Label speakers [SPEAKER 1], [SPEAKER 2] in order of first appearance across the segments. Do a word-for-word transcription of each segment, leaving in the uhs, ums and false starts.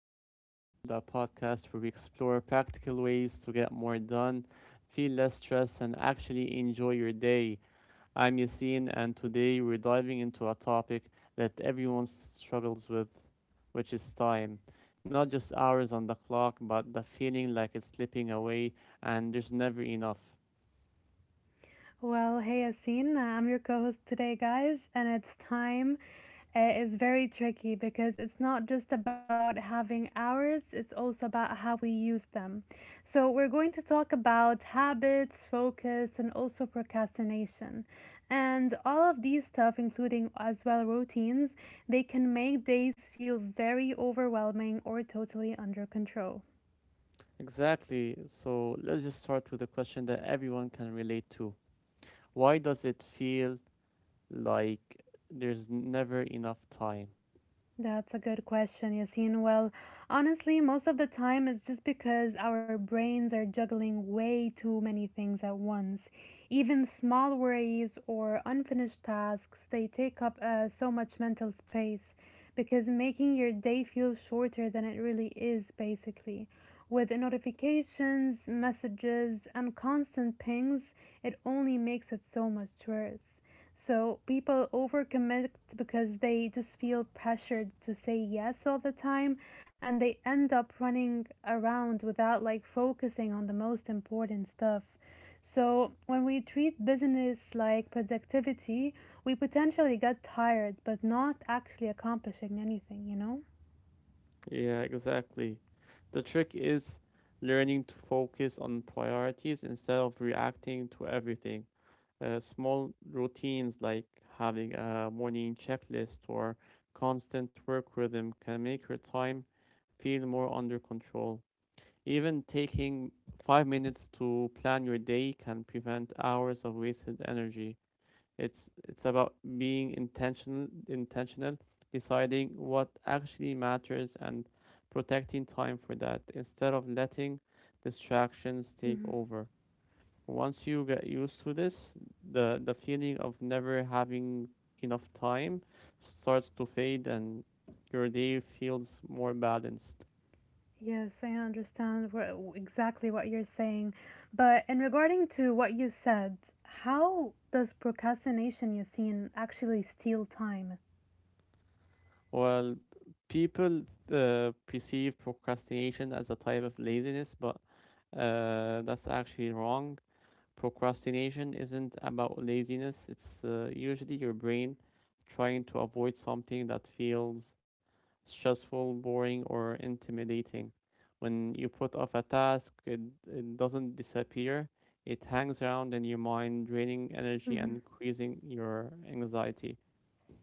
[SPEAKER 1] Mastering Time, the podcast where we explore practical ways to get more done, feel less stressed, and actually enjoy your day. I'm Yassine, and today we're diving into a topic that everyone s- struggles with, which is time. Not just hours on the clock, but the feeling like it's slipping away and there's never enough.
[SPEAKER 2] Well, hey, Asin, I'm your co host today, guys, and it's time. Uh, is very tricky because it's not just about having hours, it's also about how we use them. So, we're going to talk about habits, focus, and also procrastination. And all of these stuff, including as well routines, they can make days feel very overwhelming or totally under control.
[SPEAKER 1] Exactly. So let's just start with a question that everyone can relate to. Why does it feel Like, there's never enough time.
[SPEAKER 2] That's a good question, Yasin. Well, honestly, most of the time it's just because our brains are juggling way too many things at once. Even small worries or unfinished tasks, they take up uh, so much mental space because making your day feel shorter than it really is, basically. With notifications, messages, and constant pings, it only makes it so much worse. So people overcommit because they just feel pressured to say yes all the time and they end up running around without like focusing on the most important stuff. So when we treat business like productivity, we potentially get tired but not actually accomplishing anything, you know?
[SPEAKER 1] Yeah, exactly. The trick is learning to focus on priorities instead of reacting to everything. Uh, small routines like having a morning checklist or constant work rhythm can make your time feel more under control. Even taking five minutes to plan your day can prevent hours of wasted energy. It's it's about being intentional intentional, deciding what actually matters and protecting time for that instead of letting distractions take over. Once you get used to this, the the feeling of never having enough time starts to fade and your day feels more balanced.
[SPEAKER 2] Yes, I understand what, exactly what you're saying. But in regarding to what you said, how does procrastination, Yassine, actually steal time?
[SPEAKER 1] Well, people uh, perceive procrastination as a type of laziness, but uh, that's actually wrong. Procrastination isn't about laziness, it's uh, usually your brain trying to avoid something that feels stressful, boring, or intimidating. When you put off a task, it, it doesn't disappear, it hangs around in your mind, draining energy
[SPEAKER 2] hmm
[SPEAKER 1] and increasing your anxiety.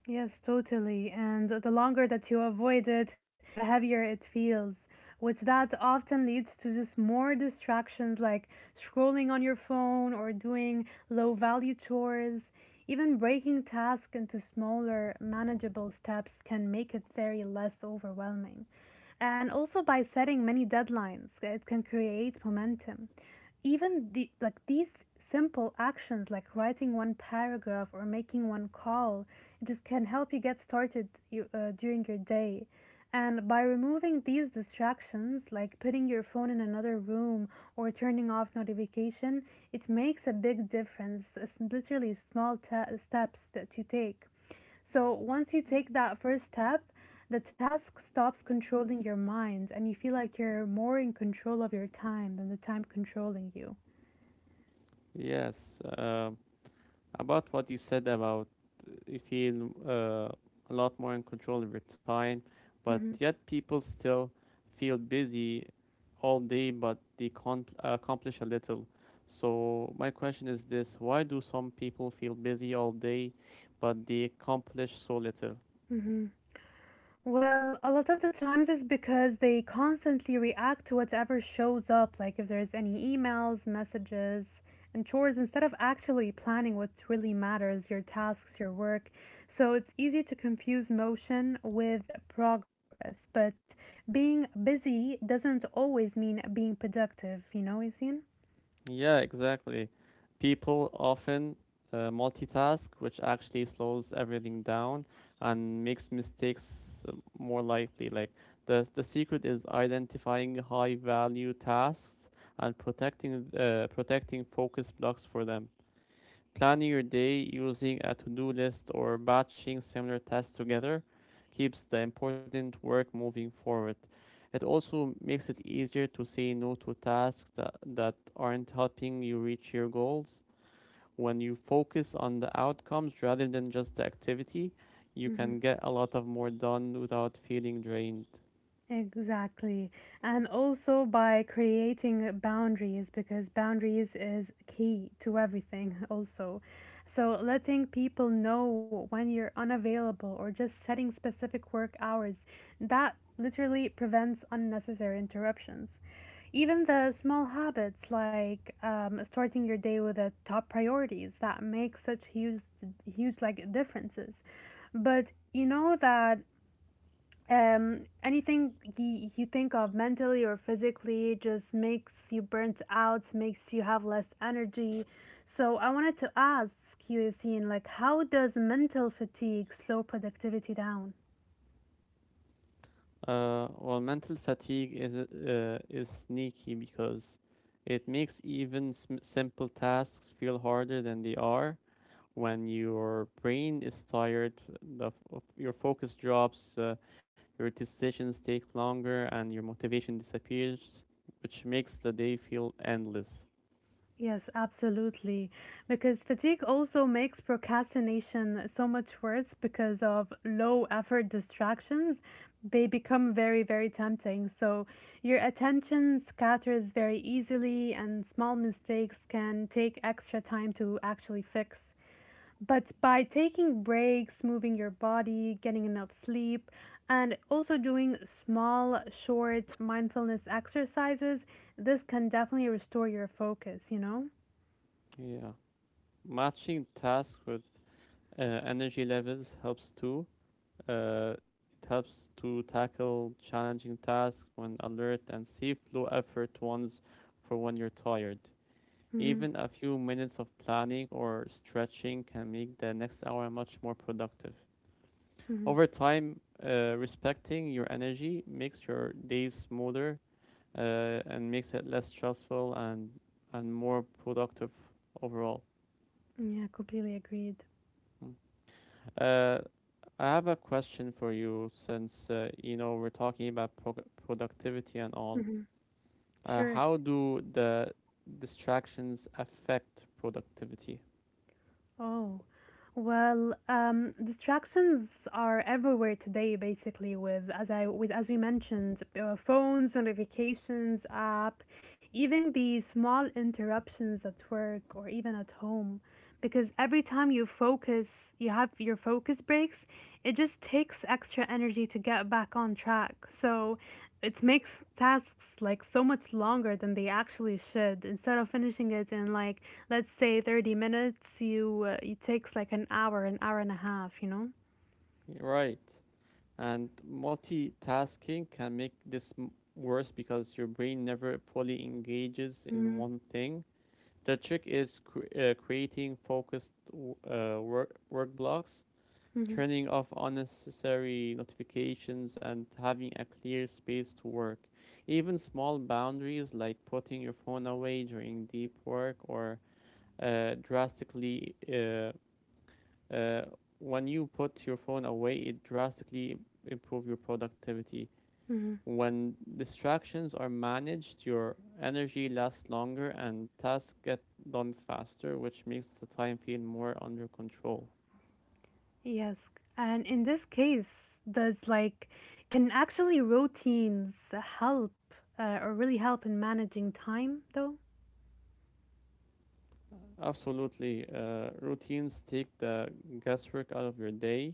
[SPEAKER 2] Yes, totally. And the longer that you avoid it, the heavier it feels, which that often leads to just more distractions like scrolling on your phone or doing low value chores. Even breaking tasks into smaller, manageable steps can make it very less overwhelming. And also by setting many deadlines uh, it can create momentum, even the like these simple actions like writing one paragraph or making one call, it just can help you get started you, uh, during your day. And by removing these distractions like putting your phone in another room or turning off notification, it makes a big difference. It's literally small ta steps that you take. So once you take that first step, the task stops controlling your mind and you feel like you're more in control of your time than the time controlling you.
[SPEAKER 1] Yes. Um, About what you said about uh, you feel uh, a lot more in control over time, but
[SPEAKER 2] Mhm.
[SPEAKER 1] yet people still feel busy all day, but they can't accomplish a little. So my question is this: Why do some people feel busy all day, but they accomplish so little?
[SPEAKER 2] Well, a lot of the times it's because they constantly react to whatever shows up, like if there's any emails, messages, and chores, instead of actually planning what really matters, your tasks, your work. So it's easy to confuse motion with progress, but being busy doesn't always mean being productive, you know, Yasin?
[SPEAKER 1] Yeah, exactly. People often uh, multitask, which actually slows everything down and makes mistakes uh, more likely. Like the the secret is identifying high value tasks and protecting uh, protecting focus blocks for them. Planning your day using a to do list or batching similar tasks together keeps the important work moving forward. It also makes it easier to say no to tasks that, that aren't helping you reach your goals. When you focus on the outcomes rather than just the activity, you can get a lot of more done without feeling drained.
[SPEAKER 2] Exactly. And also by creating boundaries, because boundaries is key to everything, also. So letting people know when you're unavailable or just setting specific work hours, that literally prevents unnecessary interruptions. Even the small habits like um, starting your day with the top priorities that make such huge, huge like differences. But you know that um, anything you, you think of mentally or physically just makes you burnt out, makes you have less energy. So I wanted to ask you, Yassine, like how does mental fatigue slow productivity down?
[SPEAKER 1] Uh, well, mental fatigue is uh, is sneaky because it makes even sm- simple tasks feel harder than they are. When your brain is tired, the f- of your focus drops, uh, your decisions take longer, and your motivation disappears, which makes the day feel endless.
[SPEAKER 2] Yes, absolutely. Because fatigue also makes procrastination so much worse because of low effort distractions. They become very, very tempting. So your attention scatters very easily, and small mistakes can take extra time to actually fix. But by taking breaks, moving your body, getting enough sleep, and also doing small, short mindfulness exercises, this can definitely restore your focus, you know?
[SPEAKER 1] Yeah, matching tasks with uh, energy levels helps too Uh, it helps to tackle challenging tasks when alert and see flow effort ones for when you're tired.
[SPEAKER 2] Mm-hmm.
[SPEAKER 1] Even a few minutes of planning or stretching can make the next hour much more productive.
[SPEAKER 2] Mm-hmm.
[SPEAKER 1] Over time, uh, respecting your energy makes your days smoother uh, and makes it less stressful and and more productive overall.
[SPEAKER 2] Yeah, completely agreed.
[SPEAKER 1] Mm. Uh, I have a question for you since uh, you know we're talking about pro- productivity and all.
[SPEAKER 2] Mm-hmm.
[SPEAKER 1] Uh,
[SPEAKER 2] Sure.
[SPEAKER 1] how do the distractions affect productivity?
[SPEAKER 2] Oh, well, um, distractions are everywhere today, basically. With as I with as we mentioned, uh, phones, notifications, app, even the small interruptions at work or even at home, because every time you focus, you have your focus breaks. It just takes extra energy to get back on track. So it makes tasks like so much longer than they actually should. Instead of finishing it in like let's say thirty minutes, you uh, it takes like an hour, an hour and a half, you know?
[SPEAKER 1] Right. And multitasking can make this m- worse because your brain never fully engages in
[SPEAKER 2] Mhm.
[SPEAKER 1] one thing. The trick is cre- uh, creating focused w- uh, work work blocks,
[SPEAKER 2] Mhm.
[SPEAKER 1] turning off unnecessary notifications and having a clear space to work. Even small boundaries like putting your phone away during deep work or uh, drastically, uh, uh, when you put your phone away, it drastically improve your productivity.
[SPEAKER 2] Mhm.
[SPEAKER 1] When distractions are managed, your energy lasts longer and tasks get done faster, which makes the time feel more under control.
[SPEAKER 2] Yes. And in this case, does like can actually routines help uh, or really help in managing time though?
[SPEAKER 1] Absolutely. Uh, routines take the guesswork out of your day.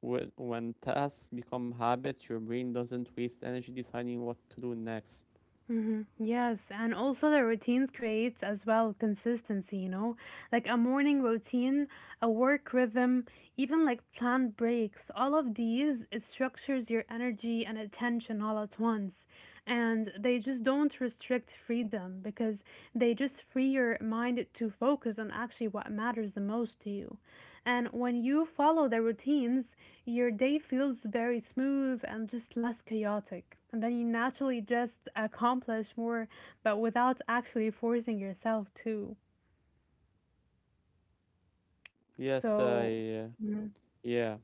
[SPEAKER 1] When, when tasks become habits, your brain doesn't waste energy deciding what to do next.
[SPEAKER 2] Mhm. Yes, and also the routines creates as well consistency, you know, like a morning routine, a work rhythm, even like planned breaks. All of these it structures your energy and attention all at once. And they just don't restrict freedom because they just free your mind to focus on actually what matters the most to you. And when you follow the routines, your day feels very smooth and just less chaotic. And then you naturally just accomplish more, but without actually forcing yourself to.
[SPEAKER 1] Yes,
[SPEAKER 2] So,
[SPEAKER 1] I, uh,
[SPEAKER 2] mhm,
[SPEAKER 1] yeah.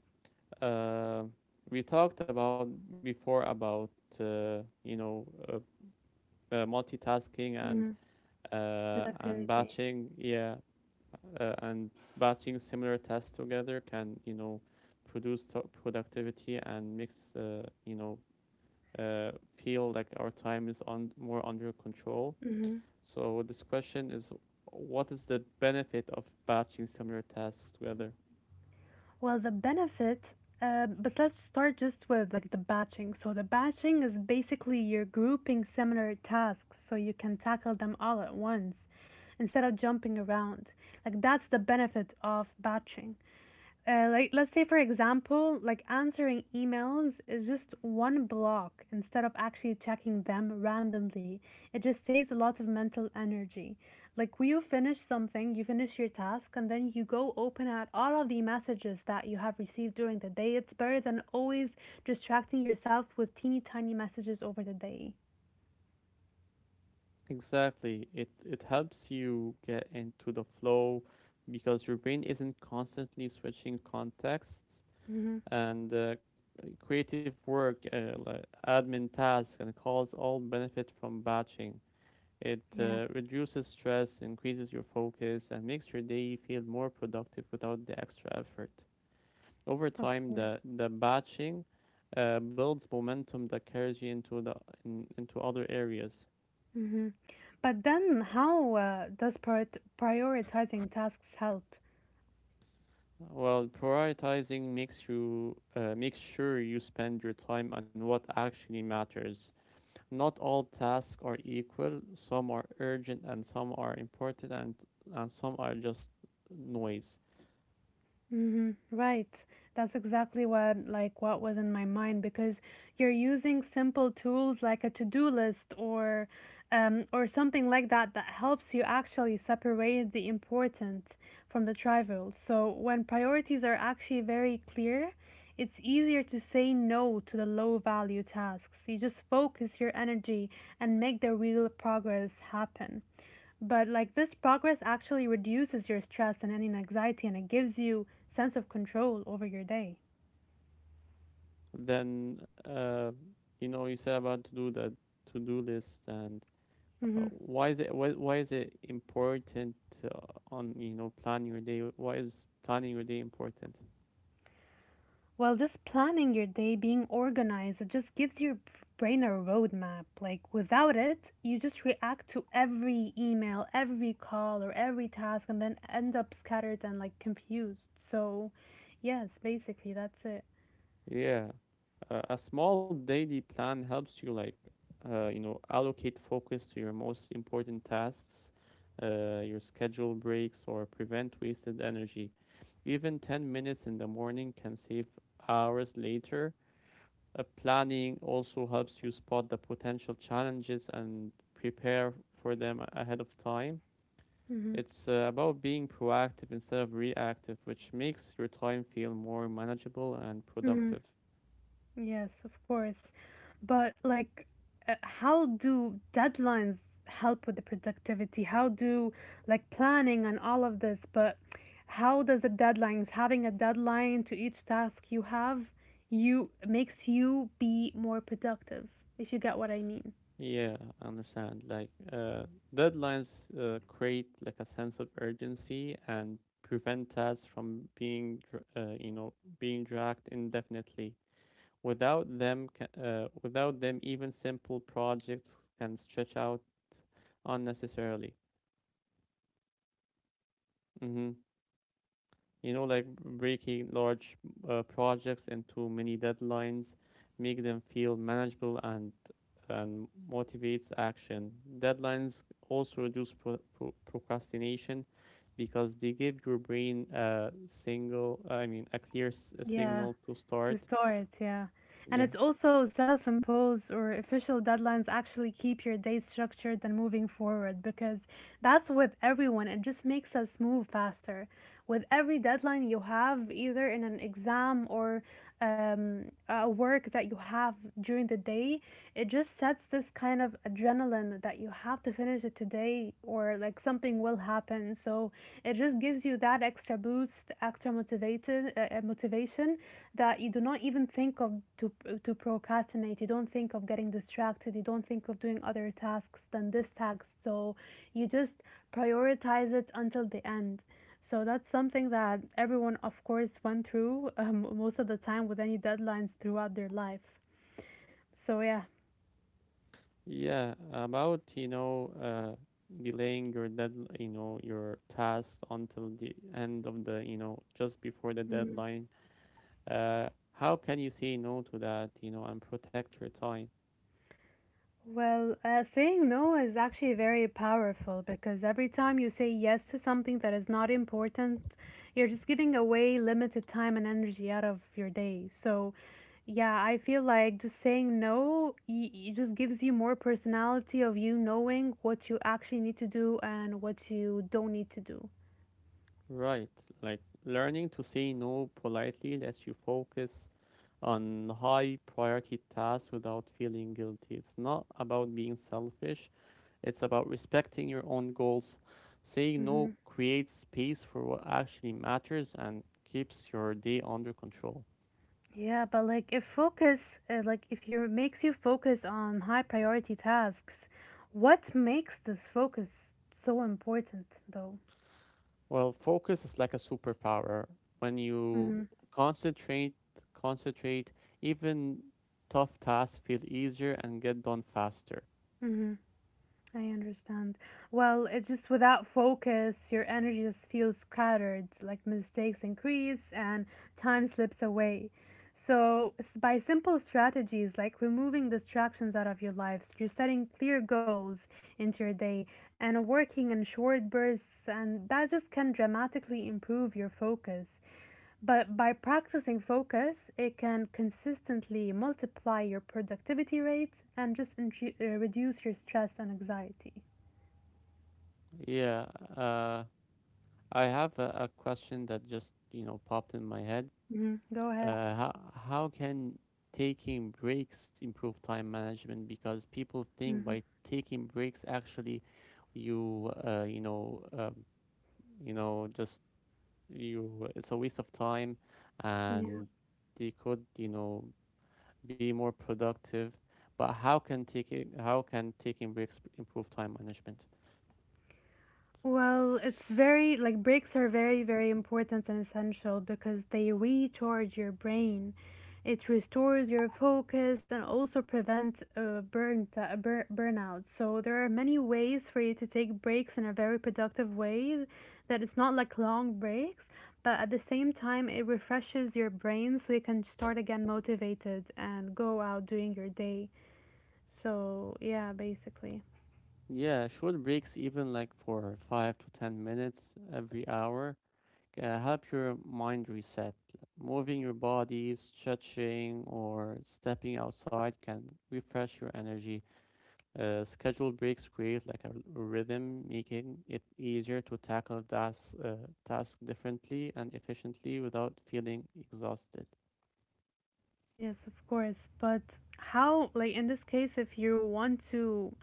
[SPEAKER 1] Uh, we talked about before about uh, you know uh, uh, multitasking and
[SPEAKER 2] mhm,
[SPEAKER 1] uh, and
[SPEAKER 2] productivity.
[SPEAKER 1] batching. Yeah, uh, and batching similar tasks together can you know produce to- productivity and mix uh, you know uh, feel like our time is on more under control.
[SPEAKER 2] Mhm.
[SPEAKER 1] So this question is, what is the benefit of batching similar tasks together?
[SPEAKER 2] Well, the benefit, uh, but let's start just with like the batching. So, the batching is basically you're grouping similar tasks so you can tackle them all at once instead of jumping around. Like, that's the benefit of batching. Uh, like let's say for example, like answering emails is just one block instead of actually checking them randomly. It just saves a lot of mental energy. Like when you finish something, you finish your task and then you go open at all of the messages that you have received during the day. It's better than always distracting yourself with teeny tiny messages over the day.
[SPEAKER 1] Exactly, it it helps you get into the flow because your brain isn't constantly switching contexts
[SPEAKER 2] Mm-hmm.
[SPEAKER 1] and uh, creative work, uh, like admin tasks and calls all benefit from batching. It
[SPEAKER 2] Yeah,
[SPEAKER 1] uh, reduces stress, increases your focus, and makes your day feel more productive without the extra effort. Over
[SPEAKER 2] of
[SPEAKER 1] time,
[SPEAKER 2] course.
[SPEAKER 1] the the batching uh, builds momentum that carries you into the in, into other areas.
[SPEAKER 2] Mm-hmm. But then how uh, does prior- prioritizing tasks help?
[SPEAKER 1] Well, prioritizing makes you uh, makes sure you spend your time on what actually matters. Not all tasks are equal. Some are urgent and some are important and and some are just noise.
[SPEAKER 2] Mm-hmm. Right. That's exactly what like what was in my mind because you're using simple tools like a to-do list or um, or something like that that helps you actually separate the important from the trivial. So when priorities are actually very clear, it's easier to say no to the low value tasks. You just focus your energy and make the real progress happen. But like this progress actually reduces your stress and any anxiety and it gives you sense of control over your day.
[SPEAKER 1] Then uh, you know you said about to do the to do list and uh,
[SPEAKER 2] hmm
[SPEAKER 1] why is it why, why is it important uh, on you know plan your day. Why is planning your day important?
[SPEAKER 2] Well, just planning your day, being organized, it just gives your brain a roadmap. Like without it, you just react to every email, every call, or every task and then end up scattered and like confused. So, yes, basically that's it.
[SPEAKER 1] yeah uh, a small daily plan helps you like uh, you know allocate focus to your most important tasks, uh, your schedule breaks or prevent wasted energy. Even ten minutes in the morning can save hours later. Uh, planning also helps you spot the potential challenges and prepare for them a- ahead of time.
[SPEAKER 2] hmm
[SPEAKER 1] It's uh, about being proactive instead of reactive, which makes your time feel more manageable and
[SPEAKER 2] hmm
[SPEAKER 1] productive.
[SPEAKER 2] Yes, of course. But like, uh, how do deadlines help with the productivity? How do like planning and all of this, but how does the deadlines, having a deadline to each task you have, you makes you be more productive, if you get what I mean.
[SPEAKER 1] Yeah, I understand. Like, uh, deadlines uh, create like a sense of urgency and prevent tasks from being, dr- uh, you know, being dragged indefinitely. Without them, ca- uh, without them, even simple projects can stretch out unnecessarily. Mm-hmm. You know, like breaking large uh, projects into many deadlines, make them feel manageable and and motivates action. Deadlines also reduce pro- pro- procrastination because they give your brain a single, I mean, a clear s- a
[SPEAKER 2] Yeah,
[SPEAKER 1] signal to
[SPEAKER 2] to
[SPEAKER 1] start.
[SPEAKER 2] store it, yeah. And
[SPEAKER 1] Yeah,
[SPEAKER 2] it's also self-imposed or official deadlines actually keep your day structured and moving forward because that's with everyone. It just makes us move faster with every deadline you have, either in an exam or um, a work that you have during the day, it just sets this kind of adrenaline that you have to finish it today or like something will happen. So it just gives you that extra boost, extra motivated uh, uh, motivation that you do not even think of to to procrastinate. You don't think of getting distracted. You don't think of doing other tasks than this task. So you just prioritize it until the end. So that's something that everyone, of course, went through um, most of the time with any deadlines throughout their life. So, yeah.
[SPEAKER 1] yeah. About you know, uh, delaying your dead, you know, your task until the end of the, you know, just before the deadline. Uh, how can you say no to that, you know, and protect your time?
[SPEAKER 2] Well, uh, saying no is actually very powerful because every time you say yes to something that is not important, you're just giving away limited time and energy out of your day. So, yeah, I feel like just saying no, y- it just gives you more personality of you knowing what you actually need to do and what you don't need to do.
[SPEAKER 1] Right. Like learning to say no politely lets you focus on high priority tasks without feeling guilty. It's not about being selfish, it's about respecting your own goals. Saying
[SPEAKER 2] Mm-hmm.
[SPEAKER 1] no creates space for what actually matters and keeps your day under control.
[SPEAKER 2] Yeah, but like if focus, uh, like if you makes you focus on high priority tasks, what makes this focus so important though?
[SPEAKER 1] Well, focus is like a superpower. When you concentrate, concentrate, even tough tasks feel easier and get done faster.
[SPEAKER 2] Mm-hmm. I understand. Well, it's just without focus, your energy just feels scattered, like mistakes increase and time slips away. So, s- by simple strategies like removing distractions out of your lives, you're setting clear goals into your day and working in short bursts, and that just can dramatically improve your focus. But by practicing focus, it can consistently multiply your productivity rate and just intru- uh, reduce your stress and anxiety.
[SPEAKER 1] Yeah, uh, I have a, a question that just, you know, popped in my head.
[SPEAKER 2] Mhm, go ahead.
[SPEAKER 1] Uh, how how can taking breaks improve time management? Because people think by
[SPEAKER 2] hmm
[SPEAKER 1] taking breaks, actually, you, uh, you know, uh, you know, just you it's a waste of time
[SPEAKER 2] Yeah.
[SPEAKER 1] and they could you know be more productive. But how can taking how can taking breaks improve time management?
[SPEAKER 2] Well, it's very, like, breaks are very, very important and essential because they recharge your brain. It restores your focus and also prevents uh, burn, uh, bur- burnout. So there are many ways for you to take breaks in a very productive way that it's not like long breaks, but at the same time, it refreshes your brain so you can start again motivated and go out doing your day. So, yeah, basically.
[SPEAKER 1] Yeah Short breaks, even like for five to ten minutes every hour, uh, help your mind reset. Moving your body, stretching or stepping outside can refresh your energy. Uh, scheduled breaks create like a rhythm, making it easier to tackle das, uh, task differently and efficiently without feeling exhausted.
[SPEAKER 2] Yes, of course. But how, like in this case, if you want to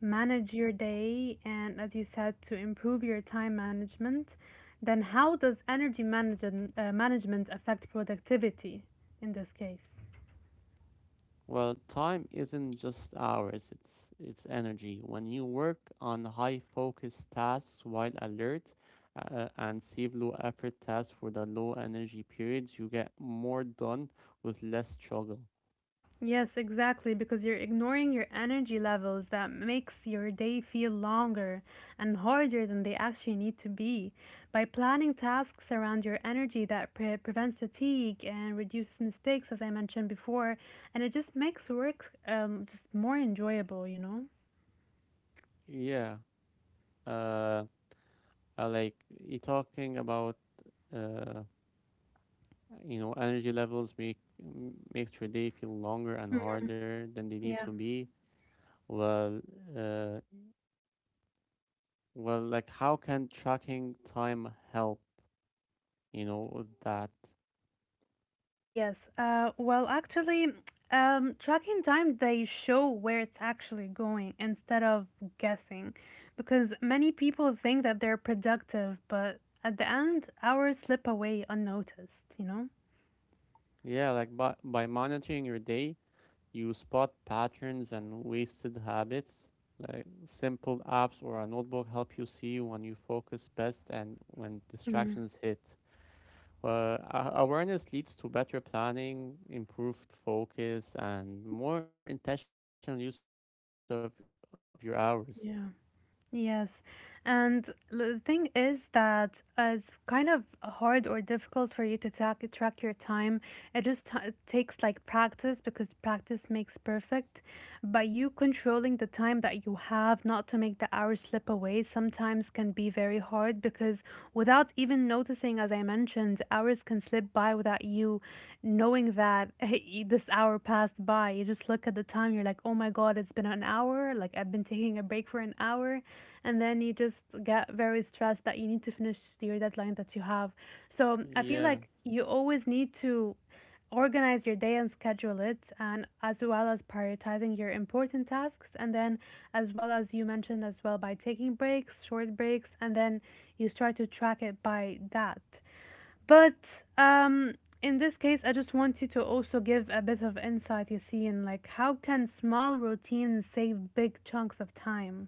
[SPEAKER 2] manage your day and, as you said, to improve your time management, then how does energy manage- uh, management affect productivity in this case?
[SPEAKER 1] Well, time isn't just hours; it's it's energy. When you work on high focus tasks while alert, uh, uh, and save low effort tasks for the low energy periods, you get more done with less struggle.
[SPEAKER 2] Yes, exactly, because you're ignoring your energy levels that makes your day feel longer and harder than they actually need to be. By planning tasks around your energy that pre- prevents fatigue and reduces mistakes, as I mentioned before, and it just makes work um, just more enjoyable, you know?
[SPEAKER 1] Yeah. Uh, I like you talking about uh you know energy levels make m- makes your day feel longer and harder than they need
[SPEAKER 2] Yeah.
[SPEAKER 1] to be. well uh, well like, how can tracking time help you know with that?
[SPEAKER 2] Yes. Uh, well, actually, um, tracking time, they show where it's actually going instead of guessing. Because many people think that they're productive, but at the end, hours slip away unnoticed, you know?
[SPEAKER 1] Yeah Like, by, by monitoring your day you spot patterns and wasted habits. Like simple apps or a notebook help you see when you focus best and when
[SPEAKER 2] Mm,
[SPEAKER 1] distractions hit. Well, a- awareness leads to better planning, improved focus, and more intentional use of, of your hours.
[SPEAKER 2] yeah. Yes. And the thing is that uh, it's kind of hard or difficult for you to track track your time. It just t- it takes like practice because practice makes perfect. By you controlling the time that you have, not to make the hours slip away, sometimes can be very hard because without even noticing, as I mentioned, hours can slip by without you knowing that y- this hour passed by. You just look at the time, you're like, oh my God, it's been an hour. Like I've been taking a break for an hour and then you just get very stressed that you need to finish your deadline that you have. So I feel like
[SPEAKER 1] Yeah.
[SPEAKER 2] you always need to organize your day and schedule it, and as well as prioritizing your important tasks, and then as well as you mentioned as well by taking breaks, short breaks, and then you start to track it by that. But um in this case, I just want you to also give a bit of insight you see in, like, how can small routines save big chunks of time?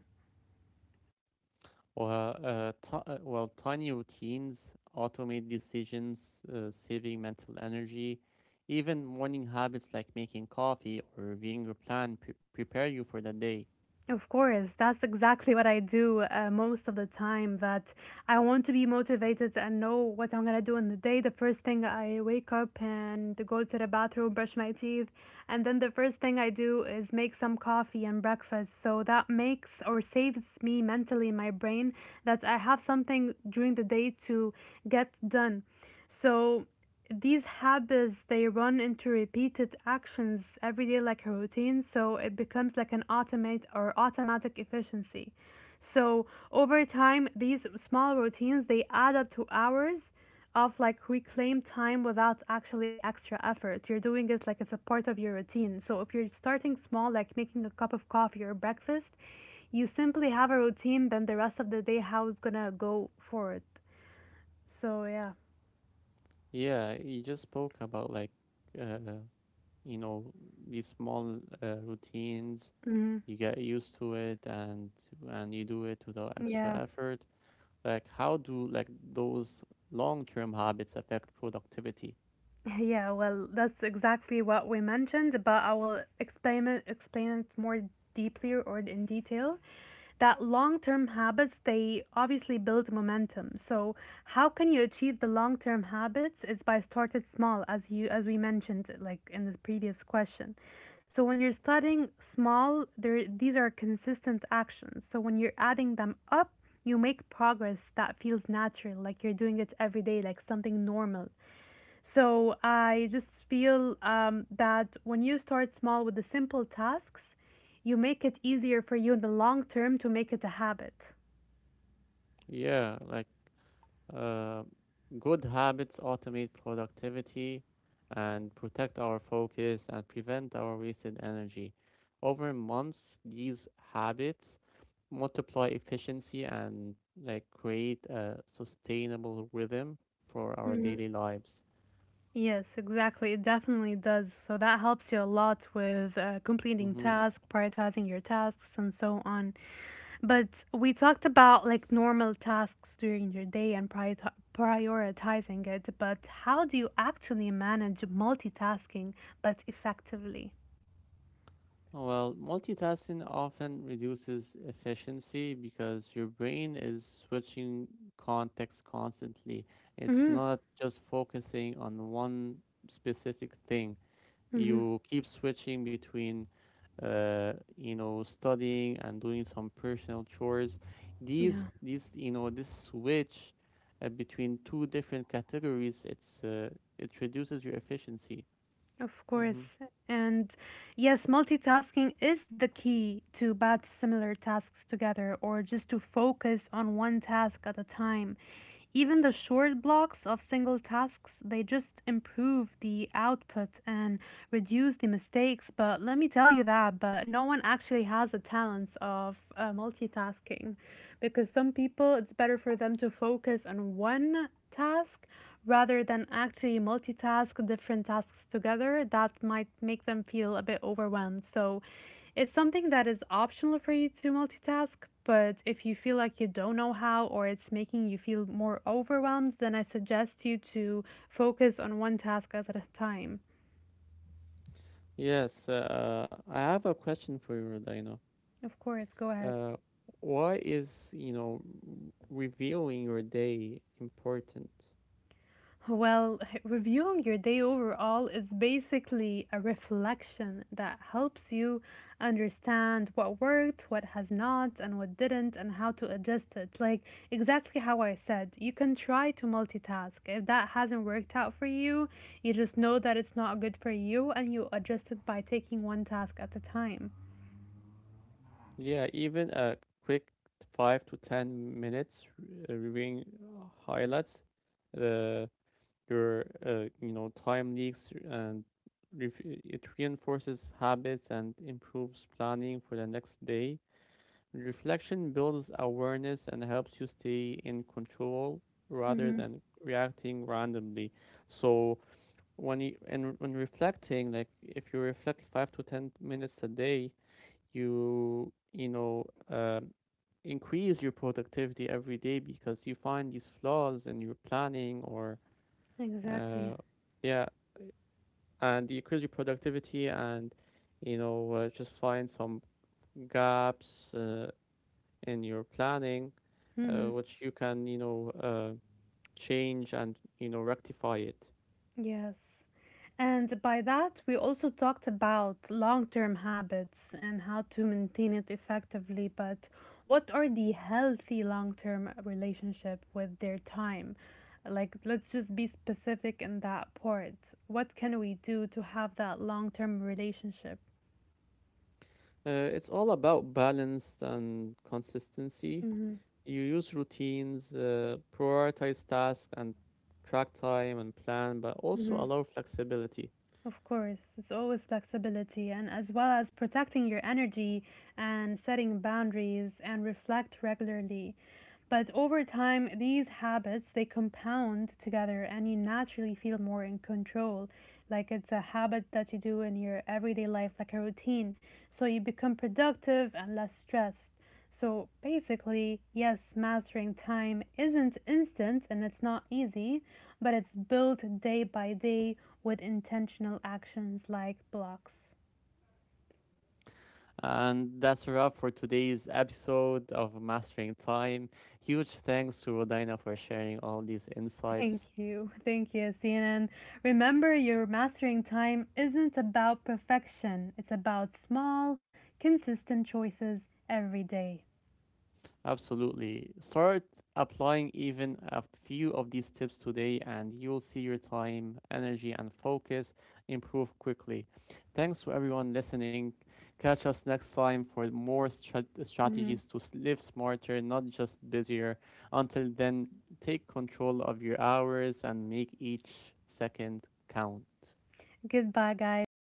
[SPEAKER 1] Well, uh, t- uh, well, tiny routines automate decisions, uh, saving mental energy. Even morning habits like making coffee or reviewing your plan pre- prepare you for the day.
[SPEAKER 2] Of course, that's exactly what I do uh, most of the time. That I want to be motivated and know what I'm gonna do in the day. The first thing, I wake up and go to the bathroom, brush my teeth, and then the first thing I do is make some coffee and breakfast. So that makes or saves me mentally in my brain that I have something during the day to get done. So these habits, they run into repeated actions every day like a routine, so it becomes like an automate or automatic efficiency. So over time, these small routines, they add up to hours of like reclaimed time without actually extra effort. You're doing it like it's a part of your routine. So if you're starting small, like making a cup of coffee or breakfast, you simply have a routine, then the rest of the day how it's gonna go forward. So yeah.
[SPEAKER 1] Yeah, you just spoke about like, uh, you know, these small uh, routines,
[SPEAKER 2] Hmm.
[SPEAKER 1] you get used to it and and you do it without extra
[SPEAKER 2] Yeah,
[SPEAKER 1] effort. Like, how do like those long-term habits affect productivity?
[SPEAKER 2] yeah, well, that's exactly what we mentioned, but I will explain it, explain it more deeply or in detail. That long-term habits, they obviously build momentum. So how can you achieve the long-term habits is by started small, as you as we mentioned, like in the previous question. So when you're starting small, there these are consistent actions. So when you're adding them up, you make progress that feels natural, like you're doing it every day, like something normal. So I just feel um, that when you start small with the simple tasks, you make it easier for you in the long term to make it a habit.
[SPEAKER 1] yeah like uh, Good habits automate productivity and protect our focus and prevent our wasted energy. Over months these habits multiply efficiency and like create a sustainable rhythm for our
[SPEAKER 2] Mm.
[SPEAKER 1] daily lives.
[SPEAKER 2] Yes, exactly. It definitely does. So that helps you a lot with uh, completing
[SPEAKER 1] Hmm.
[SPEAKER 2] tasks, prioritizing your tasks, and so on. But we talked about like normal tasks during your day and priorita- prioritizing it. But how do you actually manage multitasking but effectively?
[SPEAKER 1] Well, multitasking often reduces efficiency because your brain is switching context constantly. It's
[SPEAKER 2] Mm-hmm.
[SPEAKER 1] not just focusing on one specific thing.
[SPEAKER 2] Mm-hmm.
[SPEAKER 1] You keep switching between, uh, you know, studying and doing some personal chores.
[SPEAKER 2] Yeah.
[SPEAKER 1] These, these, you know, this switch uh, between two different categories, it's uh, it reduces your efficiency.
[SPEAKER 2] Of
[SPEAKER 1] Hmm.
[SPEAKER 2] course. And yes, multitasking is the key to batch similar tasks together or just to focus on one task at a time. Even the short blocks of single tasks, they just improve the output and reduce the mistakes. But let me tell you that, but no one actually has the talents of uh, multitasking because some people, it's better for them to focus on one task rather than actually multitask different tasks together, that might make them feel a bit overwhelmed. So it's something that is optional for you to multitask, but if you feel like you don't know how or it's making you feel more overwhelmed, then I suggest you to focus on one task at a time.
[SPEAKER 1] Yes, uh, I have a question for you, Rodina.
[SPEAKER 2] Of course, go ahead.
[SPEAKER 1] Uh, why is, you know, reviewing your day important?
[SPEAKER 2] Well, reviewing your day overall is basically a reflection that helps you understand what worked, what has not, and what didn't, and how to adjust it. Like exactly how I said, you can try to multitask. If that hasn't worked out for you, you just know that it's not good for you and you adjust it by taking one task at a time.
[SPEAKER 1] Yeah, even a quick five to ten minutes uh, reviewing uh, highlights, uh, your, uh, you know, time leaks and ref- it reinforces habits and improves planning for the next day. Reflection builds awareness and helps you stay in control rather
[SPEAKER 2] Mm-hmm.
[SPEAKER 1] than reacting randomly. So, when you and when reflecting, like if you reflect five to ten minutes a day, you you know um, increase your productivity every day because you find these flaws in your planning or
[SPEAKER 2] Exactly.
[SPEAKER 1] uh, yeah and you increase your productivity and you know uh, just find some gaps uh, in your planning uh,
[SPEAKER 2] Mhm.
[SPEAKER 1] which you can you know uh, change and you know rectify it.
[SPEAKER 2] Yes. And by that, we also talked about long term habits and how to maintain it effectively. But what are the healthy long term relationship with their time? Like, let's just be specific in that part. What can we do to have that long term relationship?
[SPEAKER 1] Uh, it's all about balance and consistency.
[SPEAKER 2] Mm-hmm.
[SPEAKER 1] You use routines, uh, prioritize tasks, and track time and plan, but also allow flexibility.
[SPEAKER 2] Of course, it's always flexibility and as well as protecting your energy and setting boundaries and reflect regularly. But over time, these habits, they compound together and you naturally feel more in control. Like it's a habit that you do in your everyday life, like a routine. So you become productive and less stressed. So basically, yes, mastering time isn't instant and it's not easy, but it's built day by day with intentional actions like blocks.
[SPEAKER 1] And that's a wrap for today's episode of Mastering Time. Huge thanks to Rodina for sharing all these
[SPEAKER 2] Thank
[SPEAKER 1] insights.
[SPEAKER 2] you. Thank you, C N N. Remember, your mastering time isn't about perfection, it's about small, consistent choices every day.
[SPEAKER 1] Absolutely. Start applying even a few of these tips today, and you'll see your time, energy, and focus improve quickly. Thanks to everyone listening. Catch us next time for more strat-
[SPEAKER 2] Mhm.
[SPEAKER 1] strategies to s- live smarter, not just busier. Until then, take control of your hours and make each second count.
[SPEAKER 2] Goodbye, guys.